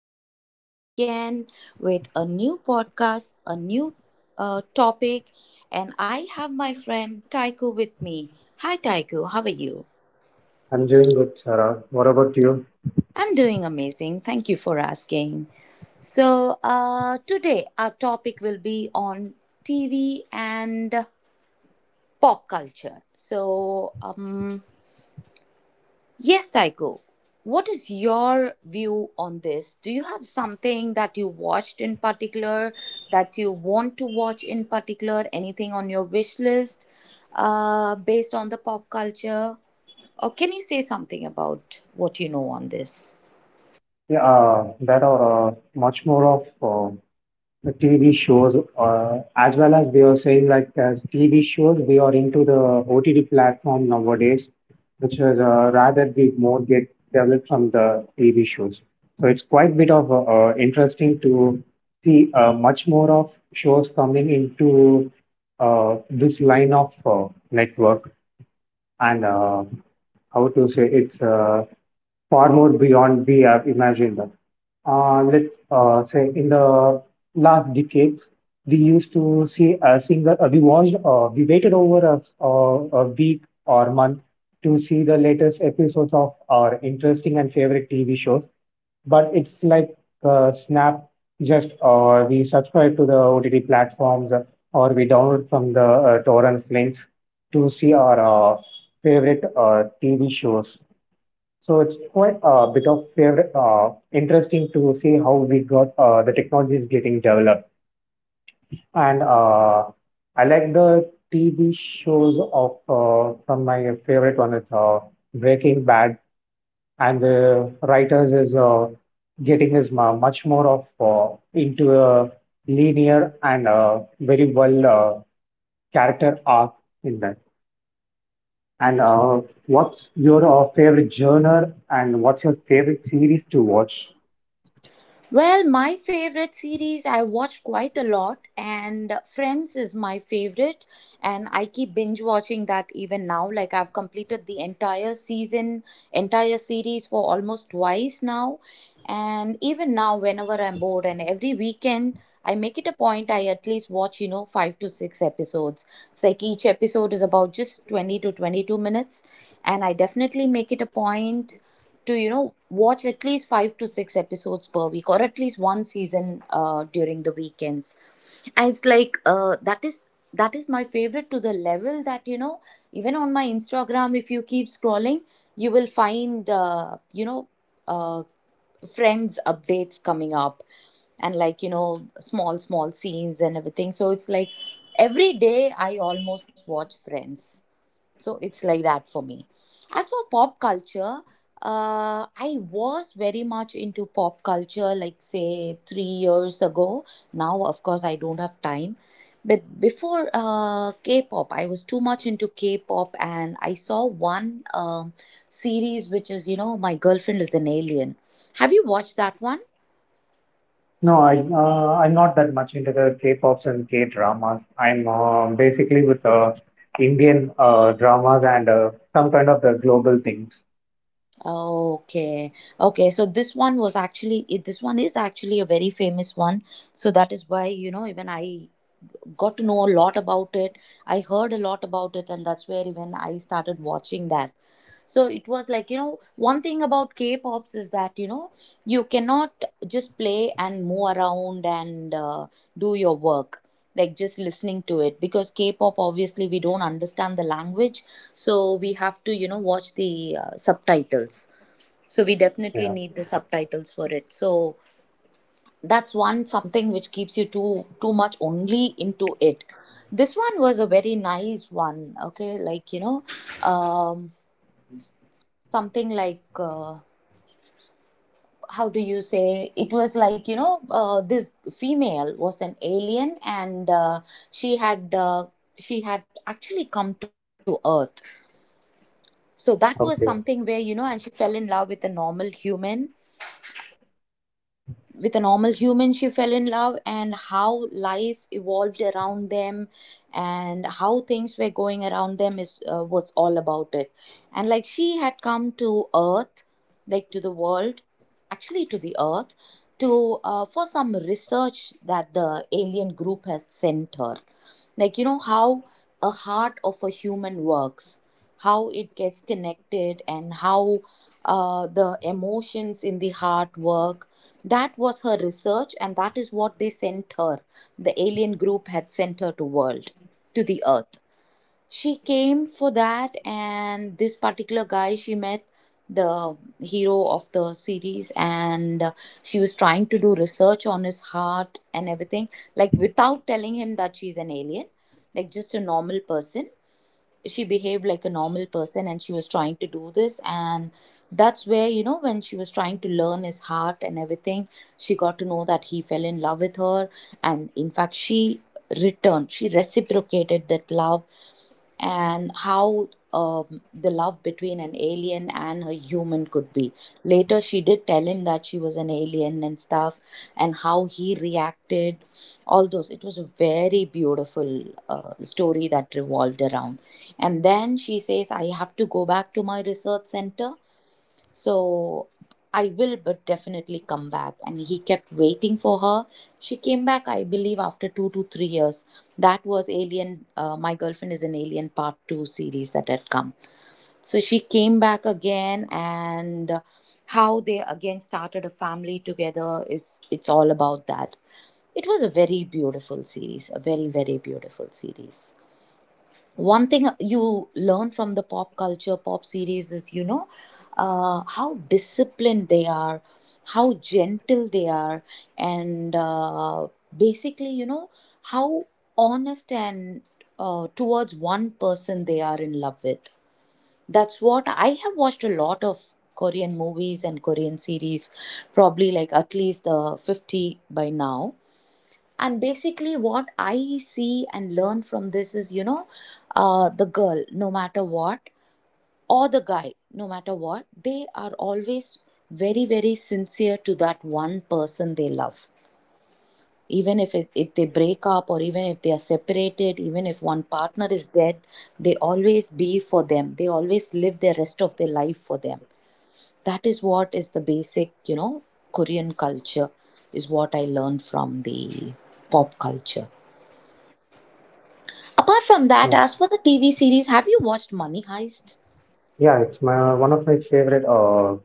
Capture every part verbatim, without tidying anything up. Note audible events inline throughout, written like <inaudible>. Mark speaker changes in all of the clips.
Speaker 1: is Sarah back again with a new podcast, a new uh, topic, and I have my friend Taiku with me. Hi Taiku, how are you?
Speaker 2: I'm doing good, Sarah. What about you?
Speaker 1: I'm doing amazing. Thank you for asking. So, uh, today our topic will be on T V and pop culture. So, um, Yes, Taiko. What is your view on this? Do you have something that you watched in particular that you want to watch in particular? Anything on your wish list uh, based on the pop culture? Or can you say something about what you know on this?
Speaker 2: Yeah, uh, there are uh, much more of uh, the T V shows, uh, as well as we are saying, like as T V shows, we are into the O T T platform nowadays, which is uh, rather we more get developed from the T V shows. So it's quite bit of uh, uh, interesting to see uh, much more of shows coming into uh, this line of uh, network. and uh, how to say it's uh, far more beyond we have imagined. Uh, let's uh, say in the last decades, we used to see a single, uh, we watched, uh, we waited over a, a, a week or month to see the latest episodes of our interesting and favorite T V shows, but it's like uh, snap. Just uh, we subscribe to the OTT platforms, uh, or we download from the uh, torrent links to see our uh, favorite uh, TV shows. So it's quite a bit of favorite, uh, interesting to see how we got uh, the technology is getting developed. And uh, I like the TV shows of uh, from my favorite one is uh, Breaking Bad. And the writers is uh, getting is mu- much more of uh, into a linear and uh, very well uh, character arc in that. And uh, what's your uh, favorite genre, and what's your favorite series to watch?
Speaker 1: Well, my favorite series, I watch quite a lot, and Friends is my favorite, and I keep binge watching that even now. Like, I've completed the entire season, entire series for almost twice now, and even now, whenever I'm bored, and every weekend, I make it a point I at least watch you know five to six episodes. It's like each episode is about just twenty to twenty-two minutes, and I definitely make it a point to you know watch at least five to six episodes per week, or at least one season uh, during the weekends, and it's like uh, that is that is my favorite to the level that you know even on my Instagram, if you keep scrolling, you will find uh, you know uh, Friends updates coming up, and like you know small small scenes and everything. So it's like every day I almost watch Friends. So it's like that for me. As for pop culture, uh, I was very much into pop culture, like say three years ago. Now, of course, I don't have time. But before uh, K-pop, I was too much into K-pop, and I saw one um, series which is, you know, My Girlfriend is an Alien. Have you watched that one?
Speaker 2: No, I uh, I'm not that much into the K-pops and K-dramas. I'm uh, basically with uh, Indian uh, dramas and uh, some kind of the global things.
Speaker 1: Okay, okay. So this one was actually it- this one is actually a very famous one. So that is why you know even I got to know a lot about it. I heard a lot about it, and that's where even I started watching that. So it was like, you know, one thing about K pops is that, you know, you cannot just play and move around and uh, do your work. Like, just listening to it, because K pop, obviously, we don't understand the language, so we have to, you know, watch the uh, subtitles. So we definitely
Speaker 2: Yeah.
Speaker 1: need the subtitles for it. So that's one something which keeps you too too much only into it. This one was a very nice one. Okay, like you know, um something like uh, how do you say, it was like you know uh, this female was an alien, and uh, she had uh, she had actually come to earth. So that was something
Speaker 2: Okay.
Speaker 1: where you know, and she fell in love with a normal human, with a normal human she fell in love, and how life evolved around them and how things were going around them is uh, was all about it. And like, she had come to earth, like to the world, actually to the earth, to uh, for some research that the alien group has sent her, like you know how a heart of a human works, how it gets connected, and how uh, the emotions in the heart work. That was her research, and that is what they sent her. The alien group had sent her to world, to the earth. She came for that, and this particular guy she met, the hero of the series, and uh, she was trying to do research on his heart and everything, like without telling him that she's an alien, like just a normal person, she behaved like a normal person and she was trying to do this, and that's where you know, when she was trying to learn his heart and everything, she got to know that he fell in love with her, and in fact, she returned she reciprocated that love, and how um, the love between an alien and a human could be. Later, she did tell him that she was an alien and stuff, and how he reacted. All those. It was a very beautiful uh, story that revolved around. And then she says, I have to go back to my research center, so I will, but definitely come back. And he kept waiting for her. She came back, I believe, after two to three years. That was Alien. Uh, My Girlfriend is an Alien Part Two series that had come. So she came back again, and how they again started a family together is, it's all about that. It was a very beautiful series, a very very beautiful series. One thing you learn from the pop culture, pop series is you know, uh, how disciplined they are, how gentle they are, and uh, basically you know, how honest and uh, towards one person they are in love with. That's what. I have watched a lot of Korean movies and Korean series, probably like at least uh, fifty by now, and basically what I see and learn from this is you know, uh, the girl no matter what, or the guy no matter what, they are always very very sincere to that one person they love. Even if it, if they break up, or even if they are separated, even if one partner is dead, they always be for them, they always live the rest of their life for them. That is what is the basic you know Korean culture is what I learned from the pop culture. Apart from that,
Speaker 2: Hmm.
Speaker 1: as for the T V series, have you watched Money Heist?
Speaker 2: Yeah, it's my one of my favorite uh,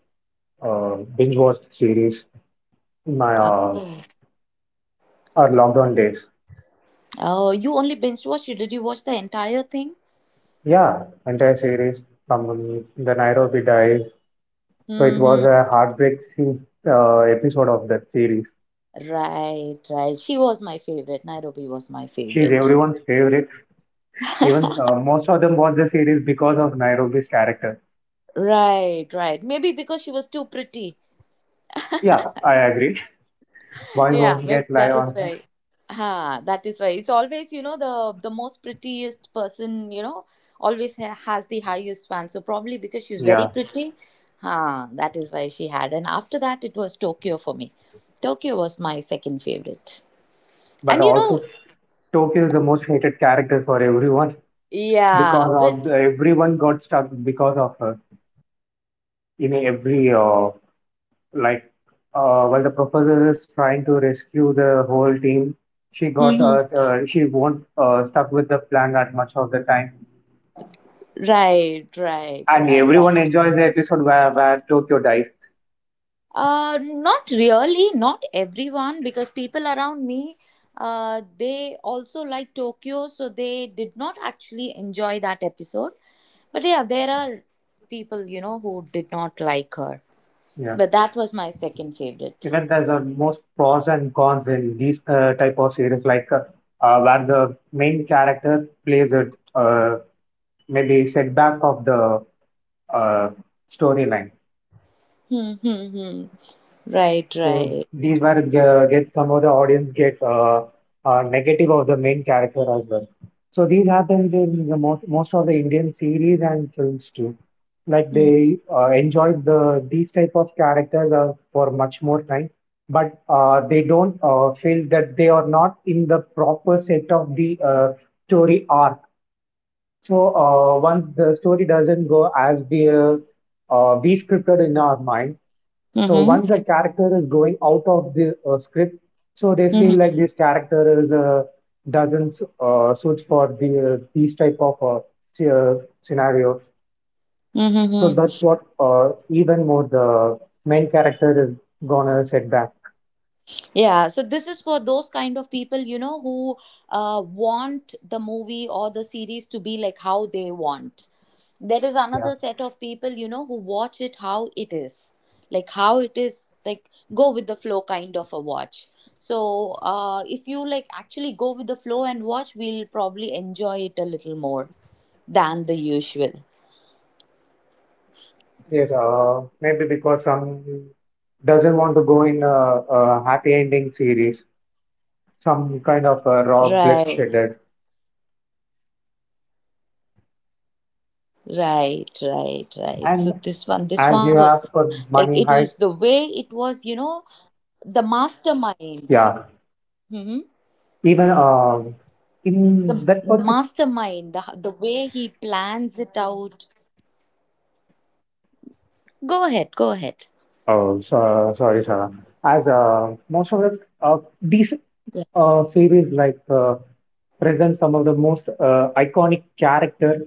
Speaker 2: uh, binge watched series. My
Speaker 1: Uh,
Speaker 2: uh, Our lockdown days.
Speaker 1: Oh, you only binge watched it? Did you watch the entire thing?
Speaker 2: Yeah, entire series from um, the Nairobi dies. So it was
Speaker 1: Mm-hmm.
Speaker 2: a heartbreak scene, uh, episode of that series.
Speaker 1: Right, right. She was my favorite. Nairobi was my
Speaker 2: She's
Speaker 1: favorite.
Speaker 2: everyone's favorite. Even uh, most of them watch the series because of Nairobi's character.
Speaker 1: Right, right. Maybe because she was too pretty.
Speaker 2: Yeah, I agree. <laughs> Why
Speaker 1: Yeah,
Speaker 2: won't
Speaker 1: maybe
Speaker 2: get lie
Speaker 1: that is
Speaker 2: on her.
Speaker 1: why. Ha, that is why. It's always you know, the the most prettiest person, you know, always ha- has the highest fan. So probably because she was very
Speaker 2: Yeah,
Speaker 1: pretty, ha. That is why she had. And after that, it was Tokyo for me. Tokyo was my second favorite,
Speaker 2: but
Speaker 1: and you
Speaker 2: also
Speaker 1: know,
Speaker 2: Tokyo is the most hated character for everyone,
Speaker 1: yeah,
Speaker 2: because
Speaker 1: but
Speaker 2: of everyone got stuck because of her. In every uh, like uh, while the professor is trying to rescue the whole team, she
Speaker 1: <laughs>
Speaker 2: got
Speaker 1: Mhm.
Speaker 2: uh, uh, she won't uh, stuck with the plan that much of the time,
Speaker 1: Right, right,
Speaker 2: and
Speaker 1: right.
Speaker 2: everyone enjoys the episode where, where Tokyo dies.
Speaker 1: Uh, not really, not everyone, because people around me, uh, they also like Tokyo, so they did not actually enjoy that episode. But yeah, there are people, you know, who did not like her.
Speaker 2: Yeah,
Speaker 1: But that was my second favorite.
Speaker 2: even there's the most pros and cons in these uh, type of series, like uh, uh, where the main character plays a uh, maybe setback of the uh, storyline.
Speaker 1: Hmm, hmm, hmm. Right,
Speaker 2: So
Speaker 1: right.
Speaker 2: these were uh, get some of the audience get uh, uh, negative of the main character as well. So these happens in the most most of the Indian series and films too. Like
Speaker 1: Mm-hmm.
Speaker 2: they uh, enjoy the these type of characters uh, for much more time, but uh, they don't uh, feel that they are not in the proper set of the uh, story arc. So uh, once the story doesn't go as we uh, uh, we scripted in our mind, so
Speaker 1: Mm-hmm.
Speaker 2: once the character is going out of the uh, script, so they feel like this character is uh, doesn't uh, suit for the uh, these type of uh, sce- uh, scenarios. So
Speaker 1: Mm-hmm.
Speaker 2: that's what uh, even more the main character is gonna set back.
Speaker 1: Yeah, so this is for those kind of people, you know, who uh, want the movie or the series to be like how they want. There is
Speaker 2: Yeah.
Speaker 1: another set of people, you know, who watch it how it is, like how it is, like go with the flow kind of a watch. So uh, if you like actually go with the flow and watch, we'll probably enjoy it a little more than the usual.
Speaker 2: Yes. Uh, maybe because some doesn't want to go in a, a happy ending series, some kind of a raw
Speaker 1: Right,
Speaker 2: bloodshed.
Speaker 1: right, right, right. So
Speaker 2: And
Speaker 1: this one, this
Speaker 2: as
Speaker 1: one
Speaker 2: you
Speaker 1: was
Speaker 2: ask for
Speaker 1: like, it
Speaker 2: Money
Speaker 1: was the
Speaker 2: Heist,
Speaker 1: way it was, you know, the mastermind.
Speaker 2: yeah.
Speaker 1: Hmm.
Speaker 2: Even uh,
Speaker 1: the
Speaker 2: in that
Speaker 1: the
Speaker 2: particular,
Speaker 1: mastermind, the, the way he plans it out. Go ahead. Go ahead.
Speaker 2: oh, so, sorry, Sarah. As uh, most of the uh, these
Speaker 1: Yeah.
Speaker 2: uh, series like uh, present some of the most uh, iconic character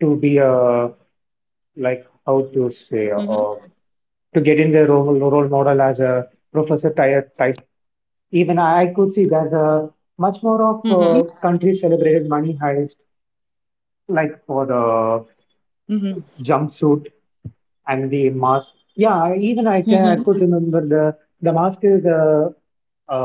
Speaker 2: to be uh, like how to say uh,
Speaker 1: Mm-hmm.
Speaker 2: to get in the role, role model as a Professor Ty- Tyson. Even I could see there's a much more of uh,
Speaker 1: Mm-hmm.
Speaker 2: country celebrated Money Heist, like for the
Speaker 1: Mm-hmm.
Speaker 2: jumpsuit and the mask. Yeah, I- even I can I could
Speaker 1: Mm-hmm.
Speaker 2: remember the the mask is a, a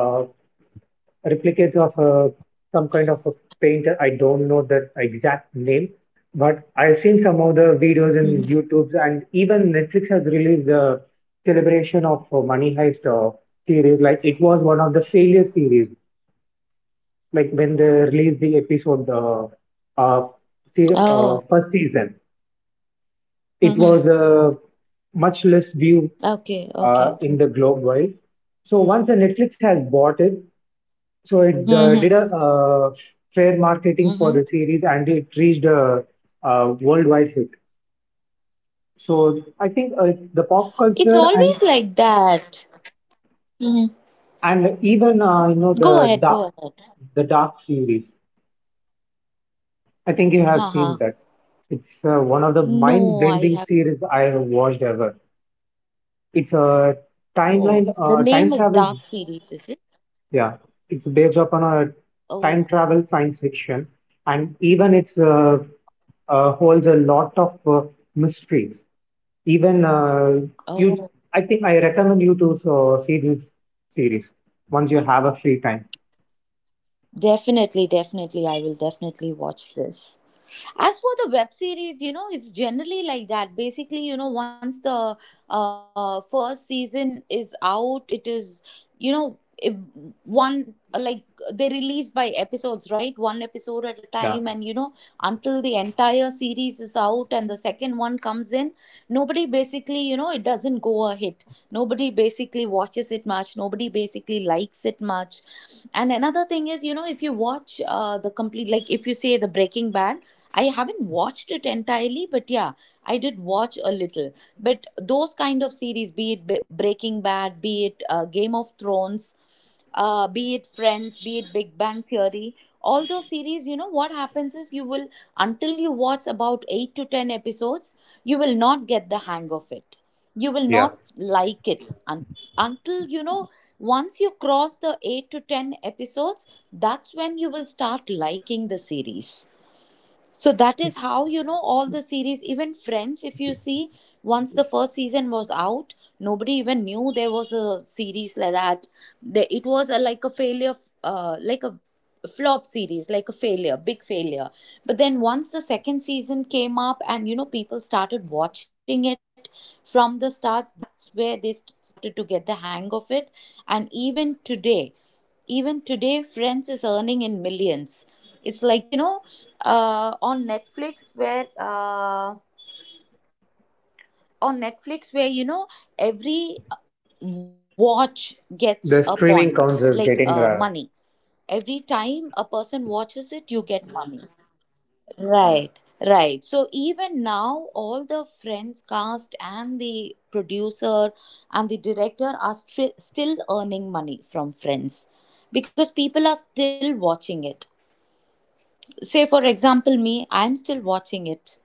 Speaker 2: replicate of a, some kind of a painter. I don't know the exact name, but I've seen some of the videos in
Speaker 1: Hmm.
Speaker 2: YouTube, and even Netflix has released the celebration of uh, Money Heist uh, series. Like it was one of the failure series. Like when they released the episode, uh, uh, se- uh,
Speaker 1: Oh.
Speaker 2: first season, it
Speaker 1: Mm-hmm.
Speaker 2: was a much less view
Speaker 1: Okay.
Speaker 2: uh,
Speaker 1: Okay.
Speaker 2: in the globe wide. So once the Netflix has bought it, so it uh, did a
Speaker 1: Mm-hmm.
Speaker 2: uh, fair marketing for
Speaker 1: Mm-hmm.
Speaker 2: the series, and it reached a, a worldwide hit. So I think uh, the pop
Speaker 1: It's
Speaker 2: culture and
Speaker 1: always like that. Mm-hmm.
Speaker 2: and even uh, you know
Speaker 1: Go
Speaker 2: the
Speaker 1: ahead.
Speaker 2: dark
Speaker 1: Go ahead.
Speaker 2: the Dark series. I think you have seen
Speaker 1: Haha.
Speaker 2: that. It's uh, one of the mind
Speaker 1: No, I
Speaker 2: bending
Speaker 1: have.
Speaker 2: series I have watched ever. It's a
Speaker 1: Oh,
Speaker 2: timeline
Speaker 1: the
Speaker 2: uh,
Speaker 1: name
Speaker 2: time
Speaker 1: is
Speaker 2: travel.
Speaker 1: Dark Series, is it?
Speaker 2: Yeah, it's based upon a time
Speaker 1: Oh.
Speaker 2: travel science fiction, and even it's uh, uh, holds a lot of uh, mysteries. Even uh, you,
Speaker 1: Oh.
Speaker 2: I think I recommend you to so, see this series once you have a free time.
Speaker 1: Definitely. Definitely. I will definitely watch this. As for the web series, you know, it's generally like that. Basically, you know, once the uh, first season is out, it is, you know, if one like, they release by episodes, right? One episode at a
Speaker 2: Yeah,
Speaker 1: time, and you know, until the entire series is out and the second one comes in, nobody basically, you know, it doesn't go a hit. Nobody basically watches it much. Nobody basically likes it much. And another thing is, you know, if you watch uh, the complete, like if you say the Breaking Bad, I haven't watched it entirely, but yeah, I did watch a little. But those kind of series, be it Be- Breaking Bad, be it uh, Game of Thrones, uh, be it Friends, be it Big Bang Theory, all those series, you know, what happens is you will, until you watch about eight to ten episodes, you will not get the hang of it, you will
Speaker 2: yeah.
Speaker 1: not like it, un- until you know, once you cross the eight to ten episodes, that's when you will start liking the series. So that is how, you know, all the series, even Friends, if you see, once the first season was out, nobody even knew there was a series like that. The, it was a, like a failure, uh, like a flop series, like a failure, big failure. But then once the second season came up and, you know, people started watching it from the stars, that's where they st- started to get the hang of it. And even today, even today, Friends is earning in millions. It's like, you know, uh, on Netflix where uh, on Netflix where you know every watch gets a
Speaker 2: The
Speaker 1: point
Speaker 2: streaming counts
Speaker 1: like
Speaker 2: as
Speaker 1: uh,
Speaker 2: getting uh,
Speaker 1: money. Every time a person watches it, you get money. Right, right. So even now, all the Friends cast and the producer and the director are stri- still earning money from Friends because people are still watching it. Say, for example, me, I'm still watching it.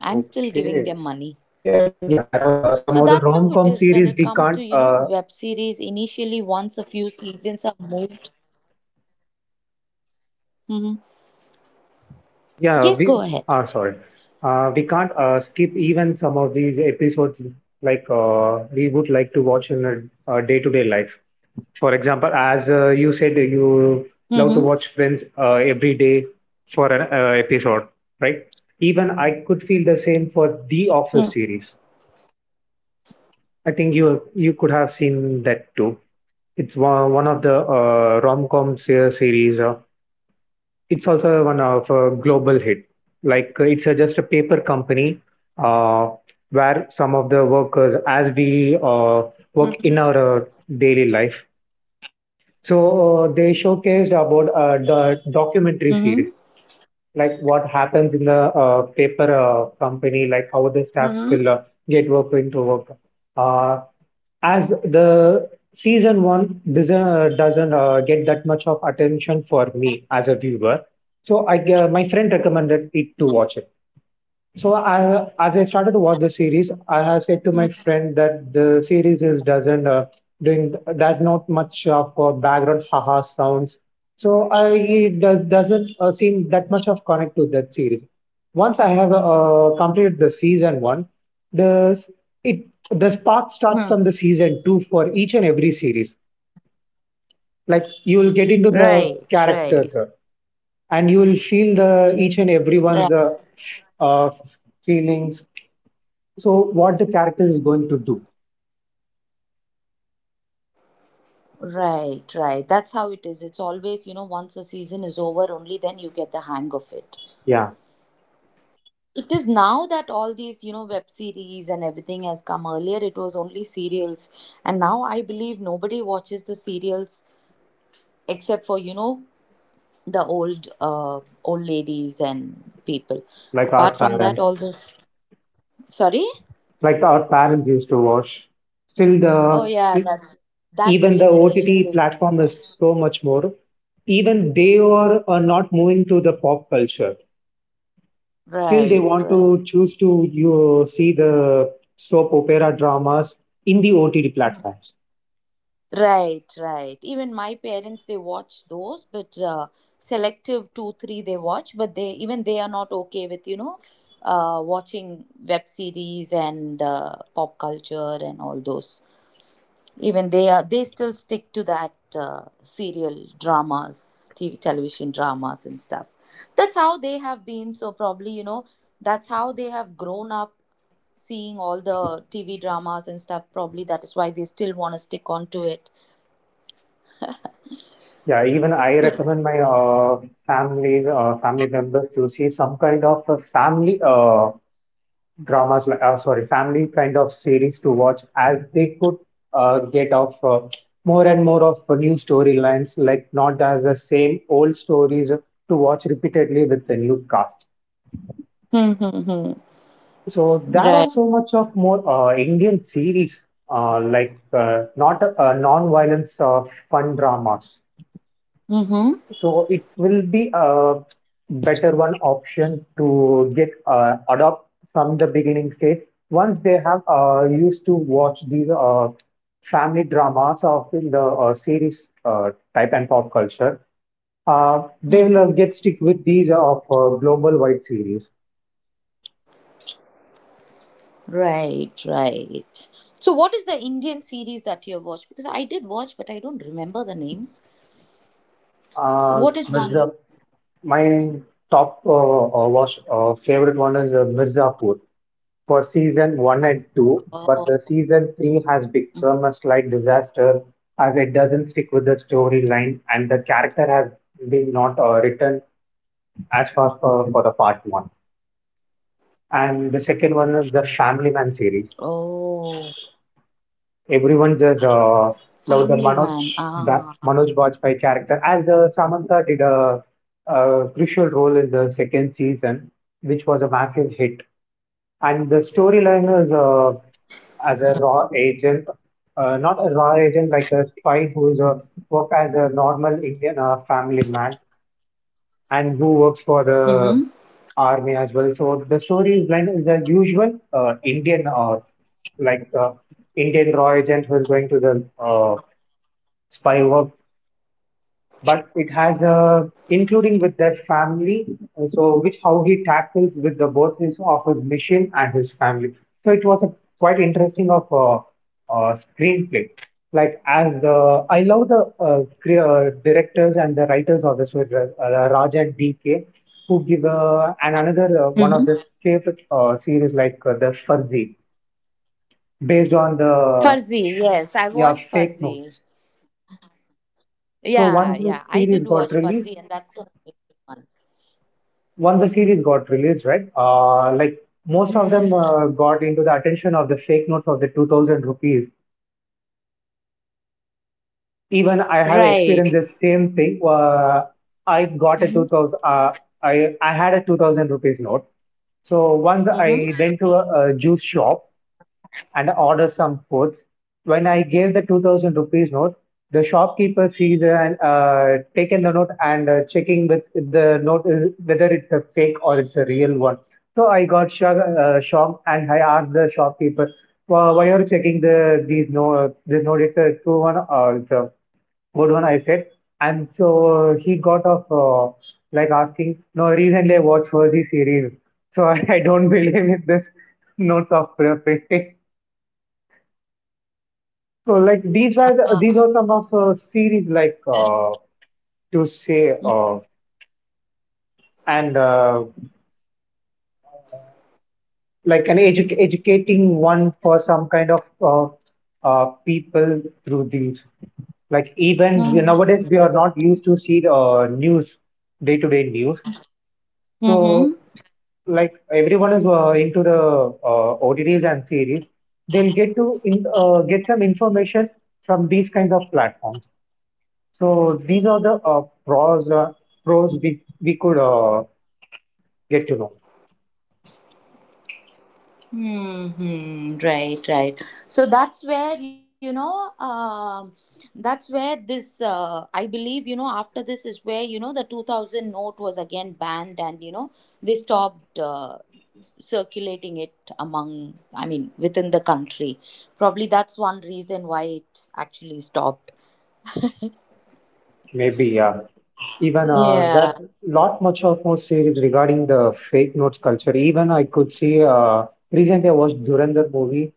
Speaker 1: I'm still giving them
Speaker 2: okay.
Speaker 1: money.
Speaker 2: Yeah, yeah. There are uh, some
Speaker 1: So
Speaker 2: of the
Speaker 1: that's how it
Speaker 2: rom-com
Speaker 1: is when
Speaker 2: series
Speaker 1: it
Speaker 2: we
Speaker 1: comes
Speaker 2: can't
Speaker 1: to, you know,
Speaker 2: uh,
Speaker 1: web series. Initially, once a few seasons are moved. Hmm.
Speaker 2: Yeah,
Speaker 1: Yes,
Speaker 2: we
Speaker 1: go ahead.
Speaker 2: are sorry. Uh, we can't uh, skip even some of these episodes, like uh, we would like to watch in a, a day-to-day life. For example, as uh, you said, you love to watch
Speaker 1: Mm-hmm.
Speaker 2: Friends uh, every day for an uh, episode, right? Even I could feel the same for
Speaker 1: Mm-hmm.
Speaker 2: The Office series. I think you you could have seen that too. It's one, one of the uh, rom-com se- series. Uh, It's also one of a global hit. Like uh, it's uh, just a paper company uh, where some of the workers, as we uh, work in our uh, daily life, so uh, they showcased about uh, the
Speaker 1: Mm-hmm.
Speaker 2: documentary series, like what happens in the uh, paper uh, company, like how
Speaker 1: Mm-hmm.
Speaker 2: the staffs will uh, get work into work. Uh, as the season one doesn't uh, doesn't uh, get that much of attention for me as a viewer. So I uh, my friend recommended it to watch it. So I, as I started to watch the series, I have said to my friend that the series is doesn't uh, doing does not much of uh, background haha sounds. So I it does, doesn't uh, seem that much of connect to that series. Once I have uh, completed the season one, the s- it the spark starts
Speaker 1: Hmm.
Speaker 2: from the season two for each and every series. Like you will get into the
Speaker 1: Right, right,
Speaker 2: characters uh, and you will feel the each and everyone's
Speaker 1: right,
Speaker 2: uh, uh, feelings, so what the character is going to do?
Speaker 1: right, right. That's how it is. It's always, you know, once a season is over, only then you get the hang of it.
Speaker 2: Yeah,
Speaker 1: It is now that all these, you know, web series and everything has come. Earlier, it was only serials. And now I believe nobody watches the serials except for, you know, the old uh, old ladies and people.
Speaker 2: like our
Speaker 1: Apart from that,
Speaker 2: parents,
Speaker 1: all those sorry.
Speaker 2: like our parents used to watch. Still,
Speaker 1: Oh
Speaker 2: the
Speaker 1: yeah,
Speaker 2: e-
Speaker 1: that's that
Speaker 2: even the
Speaker 1: generation.
Speaker 2: O T T
Speaker 1: They
Speaker 2: platform is
Speaker 1: watch.
Speaker 2: so much more. Even they are, are not moving to the pop culture. Still, they
Speaker 1: right,
Speaker 2: want
Speaker 1: right,
Speaker 2: to choose to you see the soap opera dramas in the O T T platforms.
Speaker 1: right, right. Even my parents they watch those, but uh, selective two three they watch, but they even they are not okay with you know uh, watching web series and uh, pop culture and all those. Even they are they still stick to that uh, serial dramas T V, television dramas and stuff. That's how they have been, so probably you know that's how they have grown up seeing all the TV dramas and stuff. Probably that is why they still want to stick on to it.
Speaker 2: Yeah, even I recommend my uh, family uh, family members to see some kind of a family uh, dramas, like- uh, sorry, family kind of series to watch, as they could uh, get off uh, more and more of uh, new storylines, like not as the same old stories to watch repeatedly with the new cast.
Speaker 1: Mm-hmm.
Speaker 2: So there are
Speaker 1: Right.
Speaker 2: so much of more uh, Indian series, uh, like uh, not uh, non-violence uh, fun dramas.
Speaker 1: Mm-hmm.
Speaker 2: So it will be a better one option to get uh, adopt from the beginning stage. Once they have uh, used to watch these uh, family dramas of the uh, series uh, type and pop culture, uh, they will uh, get stick with these uh, of uh, global wide series.
Speaker 1: Right, right. So what is the Indian series that you have watched? Because I did watch, but I don't remember the names.
Speaker 2: Uh,
Speaker 1: What is one?
Speaker 2: Mirza, my top uh, uh, watch uh, favorite one is uh, Mirzapur for season one and two, but
Speaker 1: Oh,
Speaker 2: the season three has become a slight disaster, as it doesn't stick with the storyline and the character has been not uh, written as far for, for the part one. And the second one is the Family Man series.
Speaker 1: oh,
Speaker 2: Everyone just uh,
Speaker 1: family
Speaker 2: loved the
Speaker 1: man
Speaker 2: Manoj
Speaker 1: ah.
Speaker 2: Ba- Manoj Bajpayee character, as uh, Samantha did a, a crucial role in the second season, which was a massive hit. And the storyline is uh, as a raw agent, uh, not a raw agent like a spy who is a work as a normal Indian uh, family man, and who works for
Speaker 1: Mm-hmm.
Speaker 2: the army as well. So the story is like the usual uh, Indian uh, like uh, Indian Roy agent who's going to the uh, spy work, but it has a including with their family. And so which how he tackles with the both his of his mission and his family. So it was a quite interesting of a, uh screenplay. Like as the I love the uh, cre- uh, directors and the writers of this with uh, Raj and DK, who give uh, and another uh, one of
Speaker 1: Hmm.
Speaker 2: the favorite uh, series like uh, the Fuzzy, based on the
Speaker 1: Farzi, yes, I
Speaker 2: yeah
Speaker 1: watched
Speaker 2: fake
Speaker 1: Farzi.
Speaker 2: notes. So
Speaker 1: Yeah,
Speaker 2: once the
Speaker 1: yeah, I
Speaker 2: series
Speaker 1: did
Speaker 2: got
Speaker 1: watch
Speaker 2: released
Speaker 1: Farzi, and that's a good one.
Speaker 2: once the series got released, right? Uh, like most of
Speaker 1: Mm-hmm.
Speaker 2: them uh, got into the attention of the fake notes of the two thousand rupees. Even I have experienced
Speaker 1: Right.
Speaker 2: the same thing. Uh, I got a
Speaker 1: Mm-hmm.
Speaker 2: two thousand, uh, I, I had a two thousand rupees note. So once I
Speaker 1: Mm-hmm.
Speaker 2: went to a, a juice shop and ordered some foods. When I gave the two thousand rupees note, the shopkeeper sees and uh, taken the note and uh, checking with the note is, whether it's a fake or it's a real one. So I got shock, uh, shocked, and I asked the shopkeeper, "Why why are you checking the these no this note? It's a true one or it's a good one?" I said. And so he got off uh, like asking, "No, recently I watched Fuzzy series, so I, <laughs> I don't believe in this notes of preference." So like these were the, these
Speaker 1: Ah.
Speaker 2: are some of uh, series like uh, to say uh, and uh, like an edu- educating one for some kind of uh, uh, people through these. Like even we- nowadays we are not used to see the uh, news, day-to-day news. So
Speaker 1: Mm-hmm.
Speaker 2: like everyone is uh, into the uh, O T Ts and series, they'll get to in, uh, get some information from these kinds of platforms. So these are the uh, pros uh, pros we we could uh, get to know.
Speaker 1: Hmm. Right, right. So that's where, you know, um, that's where this, uh, I believe, you know, after this is where, you know, the two thousand note was again banned and, you know, they stopped uh, circulating it among, I mean, within the country. Probably that's one reason why it actually stopped.
Speaker 2: Maybe, yeah. Even uh,
Speaker 1: Yeah.
Speaker 2: that lot much of more series regarding the fake notes culture. Even I could see uh, recently I watched Durandar movie.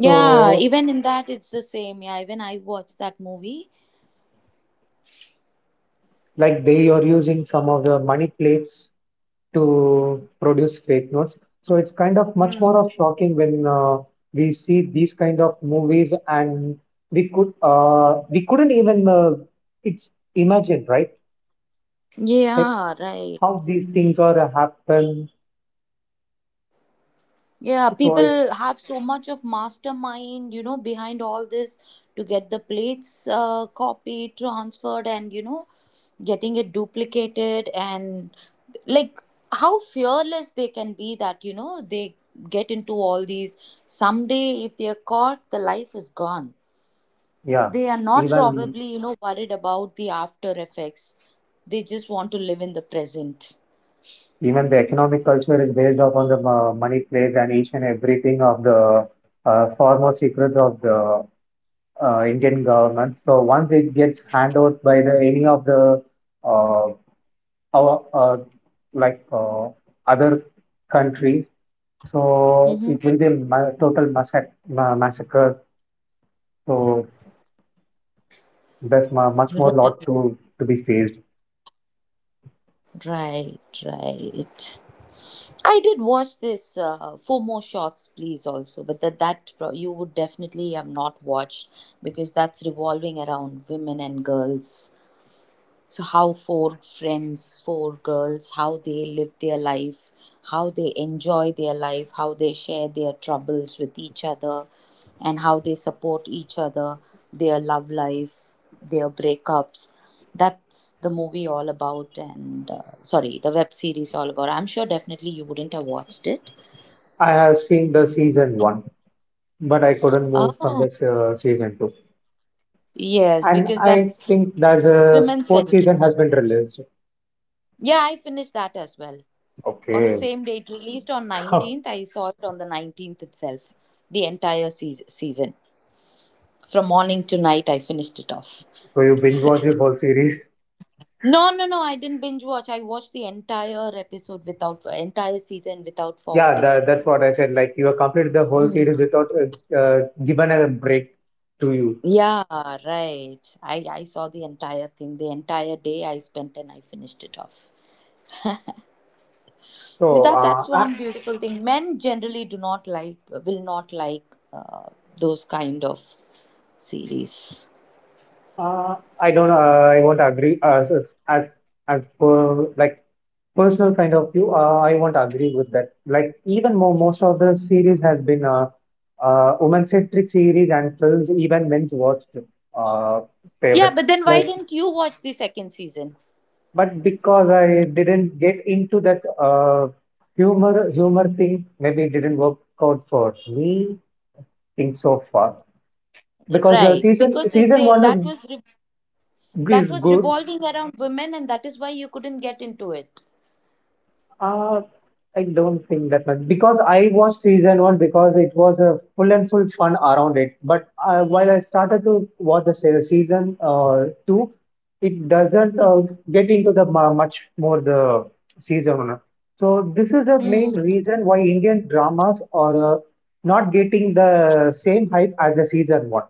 Speaker 1: Yeah.
Speaker 2: So
Speaker 1: Even in that, it's the same. Yeah. Even I watched that movie.
Speaker 2: like they are using some of the money plates to produce fake notes. So it's kind of much
Speaker 1: Hmm.
Speaker 2: more of shocking when uh, we see these kind of movies, and we could uh, we couldn't even uh, it's imagine, right? Like
Speaker 1: Yeah, right.
Speaker 2: how these things are happen.
Speaker 1: Yeah,
Speaker 2: So it's
Speaker 1: people have so much of mastermind, you know, behind all this to get the plates uh, copied, transferred, and, you know, getting it duplicated. And like how fearless they can be that, you know, they get into all these. Someday, if they are caught, the life is gone.
Speaker 2: yeah
Speaker 1: They are not
Speaker 2: even
Speaker 1: probably, you know, worried about the after effects. They just want to live in the present.
Speaker 2: Even the economic culture is based upon the uh, money plays and each and everything of the uh, foremost secrets of the uh, Indian government. So once it gets handed out by the any of the uh, our uh, like uh, other countries, so
Speaker 1: Mm-hmm.
Speaker 2: it will be a ma- total massac- ma- massacre. So there's mu much more lot
Speaker 1: Right,
Speaker 2: to to be faced.
Speaker 1: right, right. I did watch this uh, four more shots, please. Also, but that that pro- you would definitely have not watched because that's revolving around women and girls. So how four friends, four girls, how they live their life, how they enjoy their life, how they share their troubles with each other, and how they support each other, their love life, their breakups, that's the movie all about. And uh, sorry, the web series all about. I'm sure definitely you wouldn't have watched it.
Speaker 2: I have seen the season one, but I couldn't move from the
Speaker 1: Oh
Speaker 2: uh, season two.
Speaker 1: yes,
Speaker 2: And
Speaker 1: because
Speaker 2: I
Speaker 1: that's
Speaker 2: think that the
Speaker 1: women
Speaker 2: fourth
Speaker 1: centric.
Speaker 2: season has been released.
Speaker 1: Yeah, I finished that as well on the
Speaker 2: Okay.
Speaker 1: same day it released. On nineteenth
Speaker 2: <laughs>
Speaker 1: I saw it. On the nineteenth itself, the entire seas- season, from morning to night, I finished it off.
Speaker 2: So you binge watch the whole series.
Speaker 1: No, no, no, I didn't binge watch. I watched the entire episode without entire season without
Speaker 2: Yeah,
Speaker 1: forwarding.
Speaker 2: that, that's what I said. Like you have completed the whole series without uh, uh, given a break to you.
Speaker 1: Yeah, right. I i saw the entire thing, the entire day I spent, and I finished it off with
Speaker 2: So
Speaker 1: that.
Speaker 2: uh,
Speaker 1: That's
Speaker 2: I,
Speaker 1: one beautiful thing. Men generally do not like, will not like uh, those kind of series.
Speaker 2: uh, I don't. Uh, I won't agree as as as as per like personal kind of view. Uh, I won't agree with that. Like even more, most of the series has been uh, uh women centric series and films. Even men's watched uh
Speaker 1: Yeah,
Speaker 2: favorite.
Speaker 1: but then why
Speaker 2: Like
Speaker 1: didn't you watch the second season?
Speaker 2: but because I didn't get into that uh, humor humor thing, maybe it didn't work out for me. Think so far, because uh,
Speaker 1: Right,
Speaker 2: season
Speaker 1: because if
Speaker 2: season
Speaker 1: they
Speaker 2: one is
Speaker 1: that was re- that
Speaker 2: is
Speaker 1: was
Speaker 2: good.
Speaker 1: revolving around women, and that is why you couldn't get into it.
Speaker 2: Uh, I don't think that much, because I watched season one because it was a full and full fun around it. But uh, while I started to watch the se- season uh, two, it doesn't uh, get into the mu- much more the season one. So this is the main
Speaker 1: Hmm.
Speaker 2: reason why Indian dramas are uh, not getting the same hype as the season one.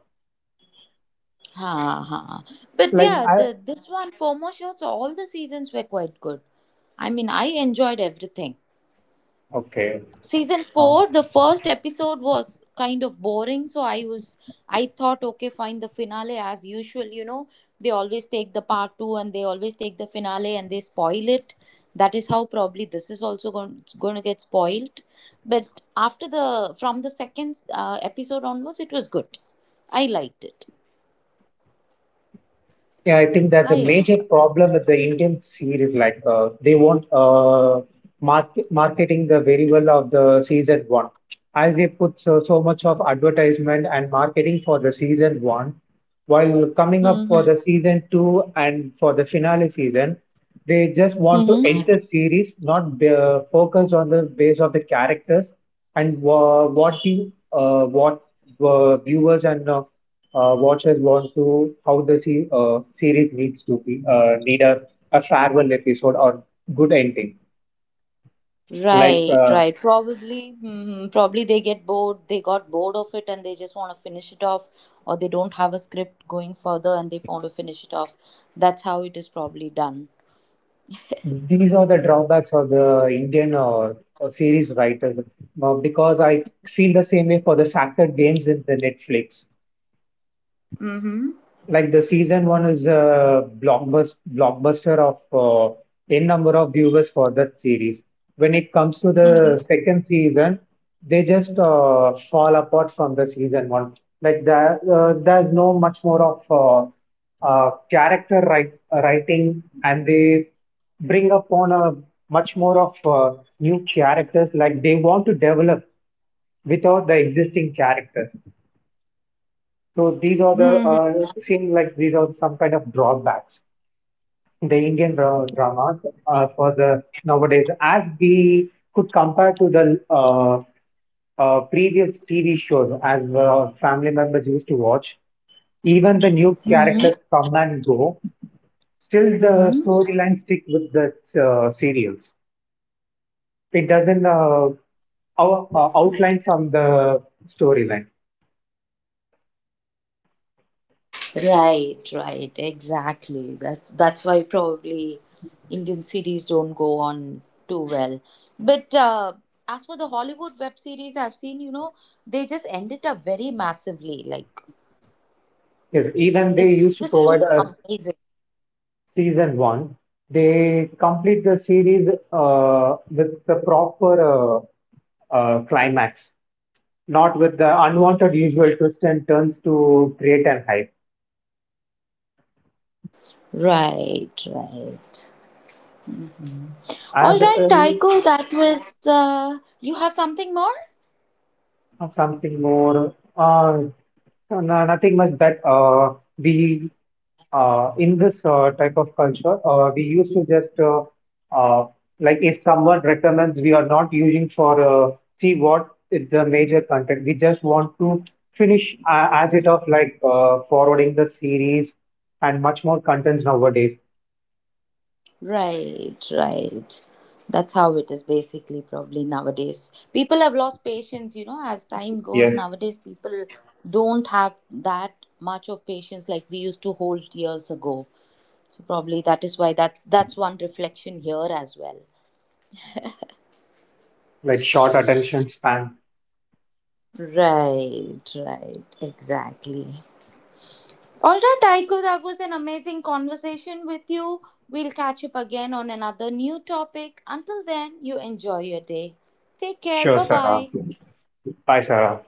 Speaker 1: Ha ha. But
Speaker 2: Like
Speaker 1: yeah,
Speaker 2: I
Speaker 1: the this one FOMO shots, all the seasons were quite good. I mean, I enjoyed everything.
Speaker 2: Okay.
Speaker 1: Season four, the first episode was kind of boring, so I was, I thought okay fine, the finale as usual, you know, they always take the part two and they always take the finale and they spoil it. That is how probably this is also going, going to get spoiled. But after the from the second uh, episode onwards, it was good. I liked it.
Speaker 2: Yeah, I think that's a
Speaker 1: I
Speaker 2: major
Speaker 1: enjoyed.
Speaker 2: problem with the Indian series. Like uh, they won't uh, market marketing the very well of the season one, as they put so, so much of advertisement and marketing for the season one, while coming up
Speaker 1: Mm-hmm.
Speaker 2: for the season two and for the finale season, they just want to
Speaker 1: Mm-hmm.
Speaker 2: end the series, not be, uh, focus on the base of the characters and uh, what you uh, what uh, viewers and uh, uh, watchers want to how the se- uh, series needs to be uh, need a, a farewell episode or good ending. like
Speaker 1: Right,
Speaker 2: uh,
Speaker 1: right. Probably, <laughs> hmm probably they get bored. They got bored of it, and they just want to finish it off, or they don't have a script going further, and they want to finish it off. That's how it is probably done.
Speaker 2: these are the drawbacks of the Indian uh, uh, series writers. Uh, because I feel the same way for the soccer games in the Netflix.
Speaker 1: Mm-hmm.
Speaker 2: Like the season one is a blockbuster blockbuster of uh, n number of viewers for that series. When it comes to the second season, they just uh, fall apart from the season one. Like there uh, there's no much more of uh, uh, character write, writing, and they bring upon a much more of uh, new characters, like they want to develop without the existing characters. So these are the
Speaker 1: Mm-hmm.
Speaker 2: uh, seem like these are some kind of drawbacks. The Indian dra- dramas uh, for the nowadays, as we could compare to the uh, uh, previous T V shows, as uh, family members used to watch, even the new
Speaker 1: Mm-hmm.
Speaker 2: characters come and go. Still, the
Speaker 1: Mm-hmm.
Speaker 2: storyline stick with the uh, serials. It doesn't uh, out, uh, outline from the storyline.
Speaker 1: Right, right. Exactly. That's that's why probably Indian series don't go on too well. But uh, as for the Hollywood web series I've seen, you know, they just ended up very massively. Like
Speaker 2: Yes, even they
Speaker 1: it's
Speaker 2: used to
Speaker 1: just too.
Speaker 2: provide us season one, they complete the series uh, with the proper uh, uh, climax, not with the unwanted usual twists and turns to create an hype.
Speaker 1: Right, right. All
Speaker 2: As
Speaker 1: right,
Speaker 2: uh,
Speaker 1: Taiko, that was. Uh, you have something more?
Speaker 2: or something more uh, no, no, nothing much that uh, we uh, in this uh, type of culture uh, we used to just uh, uh, like if someone recommends we are not using for uh, see what is the major content, we just want to finish uh, as it of like uh, forwarding the series and much more contents nowadays.
Speaker 1: Right, right. That's how it is basically, probably nowadays. People have lost patience, you know, as time goes.
Speaker 2: Yes.
Speaker 1: Nowadays, people don't have that much of patience like we used to hold years ago. So, probably that is why that's, that's one reflection here as well.
Speaker 2: Like short attention span.
Speaker 1: Right, right, exactly. All right, Aiko, that was an amazing conversation with you. We'll catch up again on another new topic. Until then, you enjoy your day. Take care.
Speaker 2: Sure,
Speaker 1: Bye
Speaker 2: Sarah.
Speaker 1: bye.
Speaker 2: Bye, Sarah.